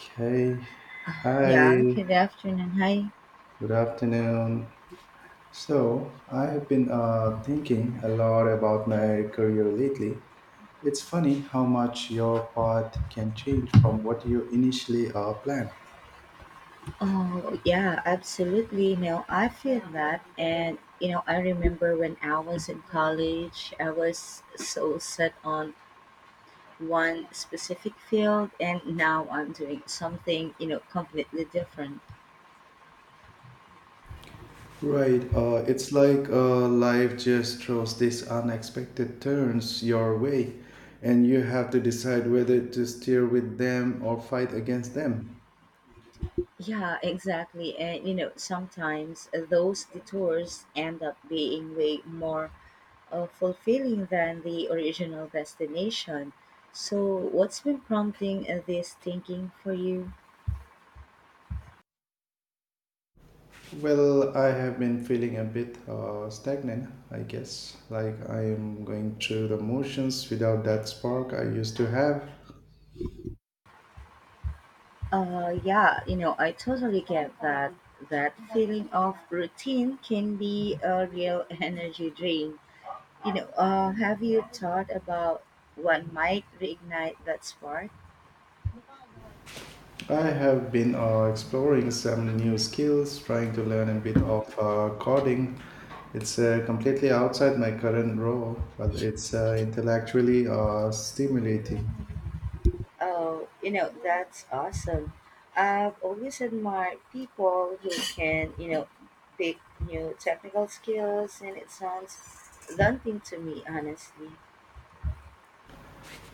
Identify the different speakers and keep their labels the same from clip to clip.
Speaker 1: Okay. Hi.
Speaker 2: Yeah, good afternoon. Hi.
Speaker 1: Good afternoon. So, I have been thinking a lot about my career lately. It's funny how much your path can change from what you initially planned.
Speaker 2: Oh, yeah, absolutely. You know, I feel that. And, you know, I remember when I was in college, I was so set on one specific field, and now I'm doing something, you know, completely different.
Speaker 1: Right. It's like life just throws these unexpected turns your way, and you have to decide whether to steer with them or fight against them.
Speaker 2: Yeah, exactly. And, you know, sometimes those detours end up being way more fulfilling than the original destination. So, what's been prompting this thinking for you?
Speaker 1: Well, I have been feeling a bit stagnant, I guess. Like I am going through the motions without that spark I used to have.
Speaker 2: Yeah, you know, I totally get that. That feeling of routine can be a real energy drain. You know, have you thought about what might reignite that spark?
Speaker 1: I have been exploring some new skills, trying to learn a bit of coding. It's completely outside my current role, but it's intellectually stimulating.
Speaker 2: Oh, you know, that's awesome. I've always admired people who can, you know, pick new technical skills, and it sounds daunting to me, honestly.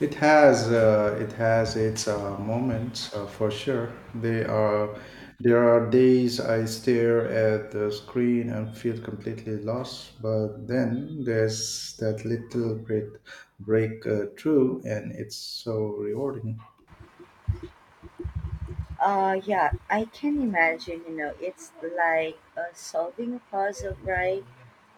Speaker 1: It has its moments for sure. They are There are days I stare at the screen and feel completely lost, but then there's that little bit breakthrough, and it's so rewarding.
Speaker 2: Yeah, I can imagine, you know, it's like solving a puzzle, right?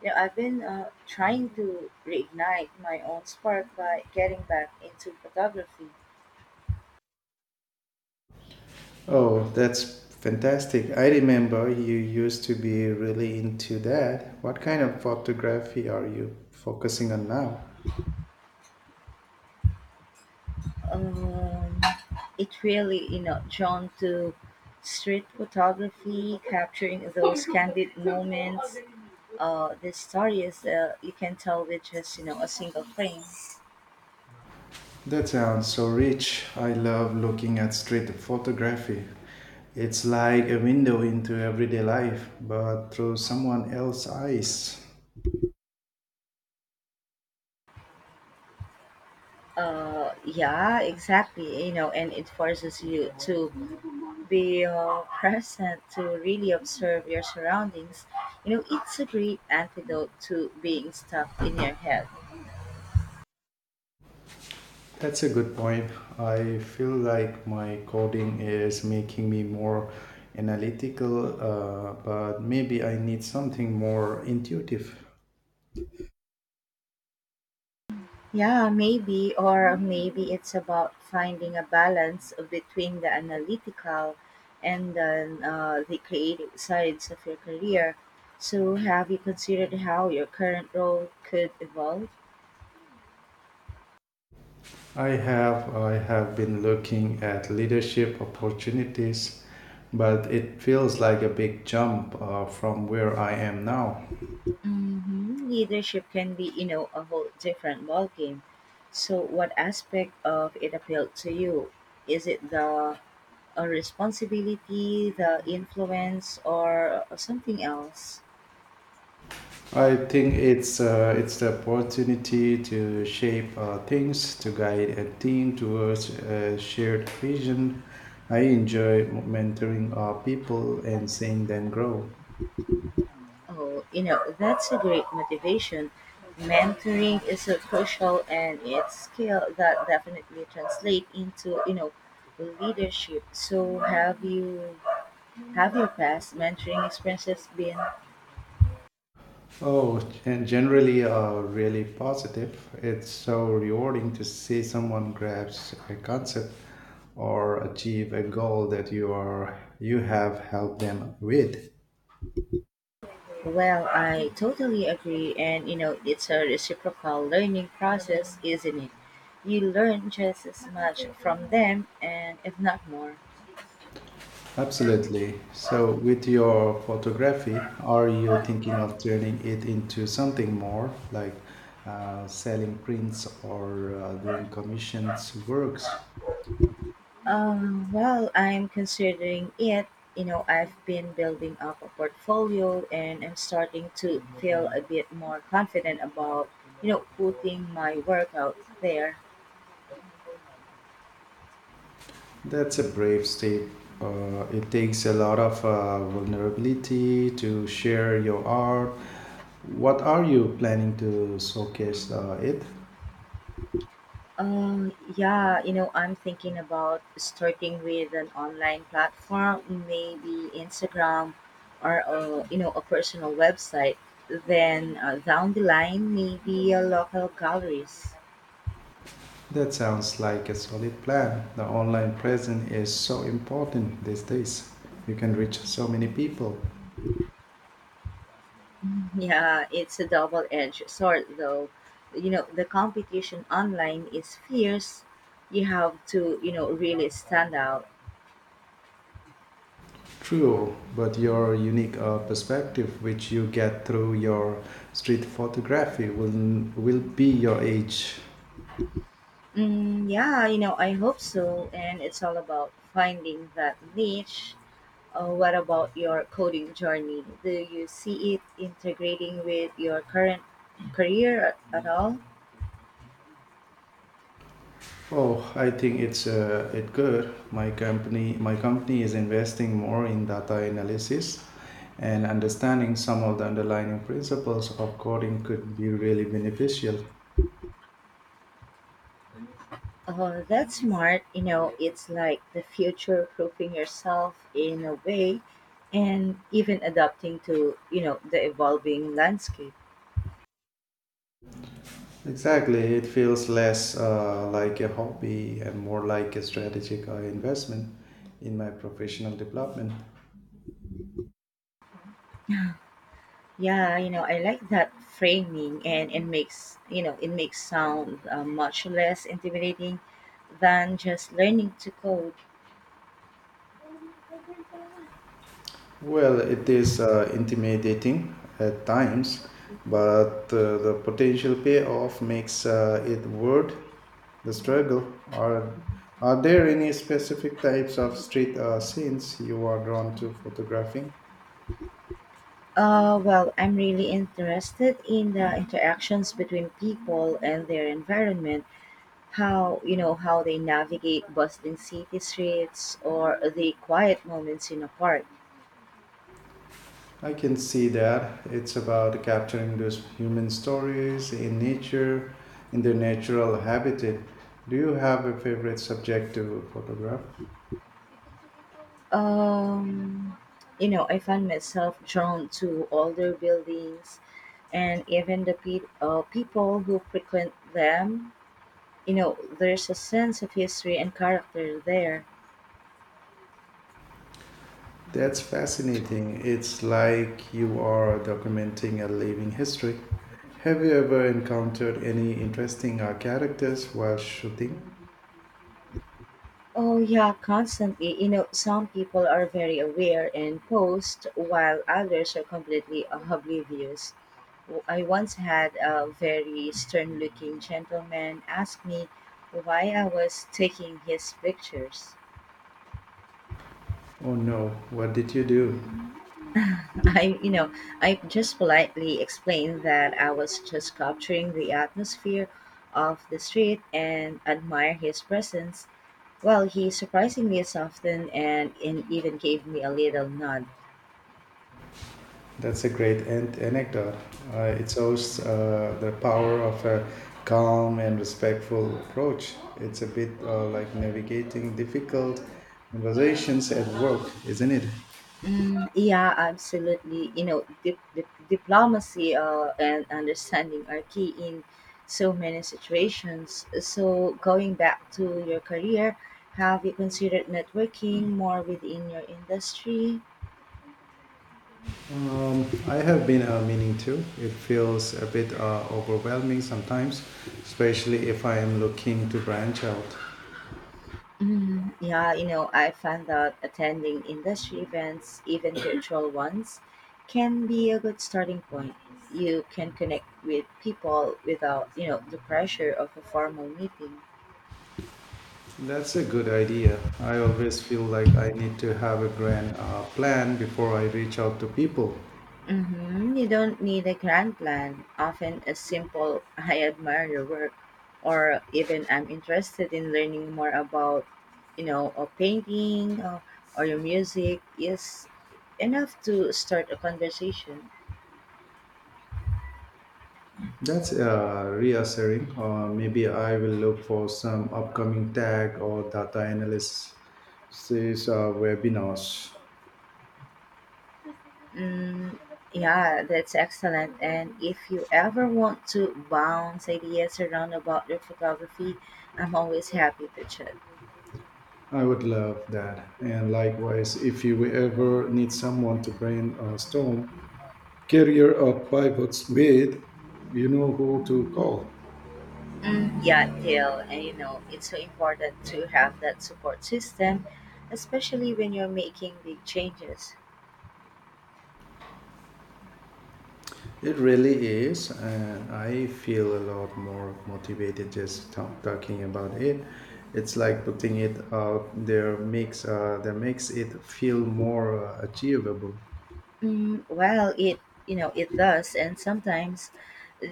Speaker 2: You know, I've been trying to reignite my own spark by getting back into photography.
Speaker 1: Oh, that's fantastic! I remember you used to be really into that. What kind of photography are you focusing on now?
Speaker 2: Um, it really, you know, drawn to street photography, capturing those candid moments, the stories you can tell with just, you know, a single frame.
Speaker 1: That sounds so rich. I love looking at street photography. It's like a window into everyday life, but through someone else's eyes.
Speaker 2: Yeah, exactly. You know, and it forces you to be present to really observe your surroundings. You know, it's a great antidote to being stuck in your head.
Speaker 1: That's a good point. I feel like my coding is making me more analytical, but maybe I need something more intuitive.
Speaker 2: Yeah, maybe, or maybe it's about finding a balance between the analytical and then the creative sides of your career. So, have you considered how your current role could evolve?
Speaker 1: I have been looking at leadership opportunities, but it feels like a big jump from where I am now.
Speaker 2: Mhm. Leadership can be, you know, a whole different ballgame. So, what aspect of it appealed to you? Is it the responsibility, the influence, or something else?
Speaker 1: I think it's the opportunity to shape things, to guide a team towards a shared vision. I enjoy mentoring people and seeing them grow.
Speaker 2: Oh, you know, that's a great motivation. Mentoring is a crucial and it's skill that definitely translate into, you know, leadership. So, have your past mentoring experiences been?
Speaker 1: Oh, and generally, really positive. It's so rewarding to see someone grasp a concept or achieve a goal that you have helped them with.
Speaker 2: Well, I totally agree. And you know, it's a reciprocal learning process, isn't it? You learn just as much from them, and if not more.
Speaker 1: Absolutely. So, with your photography, are you thinking of turning it into something more like selling prints or doing commissioned works?
Speaker 2: Well, I'm considering it. You know, I've been building up a portfolio and I'm starting to feel a bit more confident about, you know, putting my work out there.
Speaker 1: That's a brave step. It takes a lot of vulnerability to share your art. What are you planning to showcase it?
Speaker 2: Yeah, you know, I'm thinking about starting with an online platform, maybe Instagram or, a, you know, a personal website. Then down the line, maybe a local galleries.
Speaker 1: That sounds like a solid plan. The online presence is so important these days. You can reach so many people.
Speaker 2: Yeah, it's a double-edged sword, though. You know, the competition online is fierce. You have to, you know, really stand out.
Speaker 1: True, but your unique perspective, which you get through your street photography, will be your age.
Speaker 2: Mm, yeah, you know, I hope so. And it's all about finding that niche. What about your coding journey? Do you see it integrating with your current career at all?
Speaker 1: Oh, I think it's it good. My company is investing more in data analysis, and understanding some of the underlying principles of coding could be really beneficial.
Speaker 2: Oh, that's smart. You know, it's like the future proofing yourself in a way and even adapting to, you know, the evolving landscape.
Speaker 1: Exactly, it feels less like a hobby and more like a strategic investment in my professional development.
Speaker 2: Yeah, you know, I like that framing and it makes, you know, it makes sound much less intimidating than just learning to code.
Speaker 1: Well, it is intimidating at times, but the potential payoff makes it worth the struggle. Are there any specific types of street scenes you are drawn to photographing?
Speaker 2: Well, I'm really interested in the interactions between people and their environment. How, you know, how they navigate bustling city streets or the quiet moments in a park.
Speaker 1: I can see that. It's about capturing those human stories in nature, in their natural habitat. Do you have a favorite subject to photograph?
Speaker 2: Um, you know, I find myself drawn to older buildings and even the people who frequent them. You know, there's a sense of history and character there.
Speaker 1: That's fascinating. It's like you are documenting a living history. Have you ever encountered any interesting characters while shooting?
Speaker 2: Oh, yeah, constantly. You know, some people are very aware and post, while others are completely oblivious. I once had a very stern looking gentleman ask me why I was taking his pictures.
Speaker 1: Oh no, what did you do?
Speaker 2: I, you know, I just politely explained that I was just capturing the atmosphere of the street and admire his presence. Well, he surprisingly softened and, even gave me a little nod.
Speaker 1: That's a great anecdote. It shows the power of a calm and respectful approach. It's a bit like navigating difficult conversations at work, isn't it?
Speaker 2: Mm, yeah, absolutely. You know, diplomacy and understanding are key in so many situations. So, going back to your career, have you considered networking more within your industry?
Speaker 1: I have been meaning to. It feels a bit overwhelming sometimes, especially if I am looking to branch out.
Speaker 2: Mm, yeah, you know, I found out attending industry events, even virtual ones, can be a good starting point. You can connect with people without, you know, the pressure of a formal meeting.
Speaker 1: That's a good idea. I always feel like I need to have a grand plan before I reach out to people.
Speaker 2: Hmm. You don't need a grand plan. Often a simple, I admire your work, or even I'm interested in learning more about, you know, a painting or, your music is enough to start a conversation.
Speaker 1: That's reassuring. Maybe I will look for some upcoming tag or data analysis these webinars.
Speaker 2: Mm, yeah, that's excellent. And if you ever want to bounce ideas around about your photography, I'm always happy to chat.
Speaker 1: I would love that. And likewise, if you ever need someone to brainstorm career or pivots with, you know who to call.
Speaker 2: Mm, yeah, Dale, and you know, it's so important to have that support system, especially when you're making big changes.
Speaker 1: It really is, and I feel a lot more motivated just talking about it. It's like putting it out there makes that makes it feel more achievable.
Speaker 2: Mm, well, it, you know, it does, and sometimes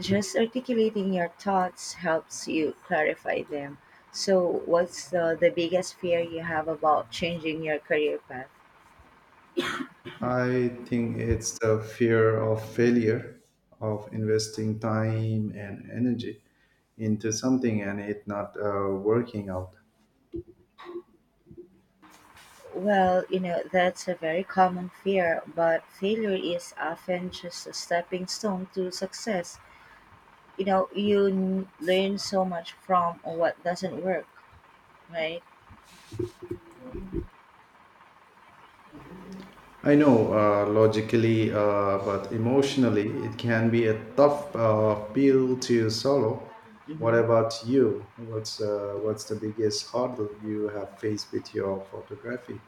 Speaker 2: just articulating your thoughts helps you clarify them. So, what's the biggest fear you have about changing your career path?
Speaker 1: I think it's the fear of failure, of investing time and energy into something and it not working out.
Speaker 2: Well, you know, that's a very common fear, but failure is often just a stepping stone to success. You know, you learn so much from what doesn't work, right?
Speaker 1: I know logically, but emotionally, it can be a tough pill to swallow. What
Speaker 2: Mm-hmm.
Speaker 1: about you? What's the biggest hurdle you have faced with your photography?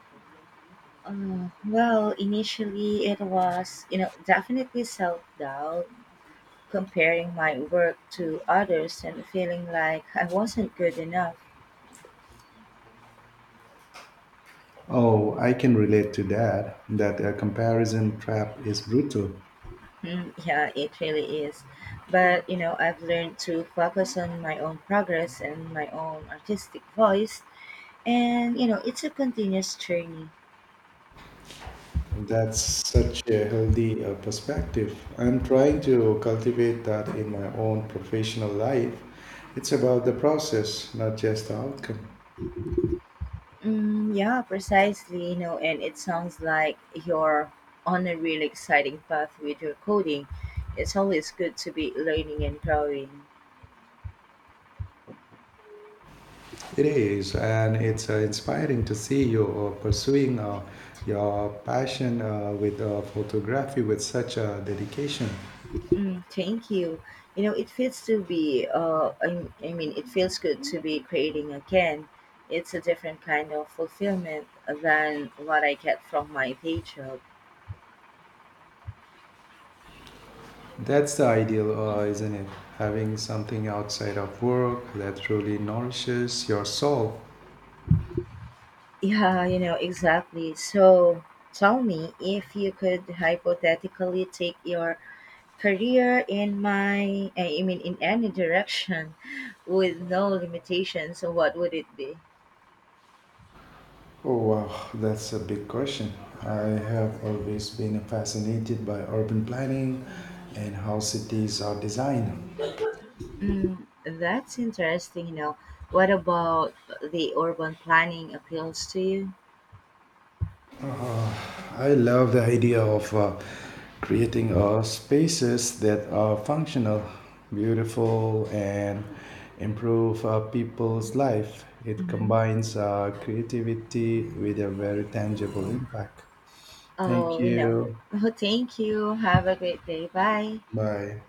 Speaker 2: Well, initially it was, you know, definitely self-doubt, comparing my work to others and feeling like I wasn't good enough.
Speaker 1: Oh, I can relate to that. That comparison trap is brutal.
Speaker 2: Hmm. Yeah, it really is, but you know, I've learned to focus on my own progress and my own artistic voice, and you know, it's a continuous journey.
Speaker 1: That's such a healthy perspective. I'm trying to cultivate that in my own professional life. It's about the process, not just the outcome.
Speaker 2: Mm, yeah, precisely. You know, and it sounds like you're on a really exciting path with your coding. It's always good to be learning and growing.
Speaker 1: It is, and it's inspiring to see you pursuing your passion with photography with such dedication.
Speaker 2: Mm, thank you. You know, it feels to be. I mean, It feels good to be creating again. It's a different kind of fulfillment than what I get from my day job.
Speaker 1: That's the ideal, isn't it? Having something outside of work that truly nourishes your soul.
Speaker 2: Yeah, you know, exactly. So, tell me, if you could hypothetically take your career in I mean, in any direction with no limitations, so what would it be?
Speaker 1: Oh, wow, that's a big question. I have always been fascinated by urban planning and how cities are designed.
Speaker 2: Mm, that's interesting. You know, what about the urban planning appeals to you?
Speaker 1: I love the idea of creating spaces that are functional, beautiful, and improve people's life. It
Speaker 2: Hmm.
Speaker 1: combines creativity with a very tangible impact. Thank
Speaker 2: Oh, you know,
Speaker 1: you.
Speaker 2: thank you, have a great day, bye.
Speaker 1: Bye.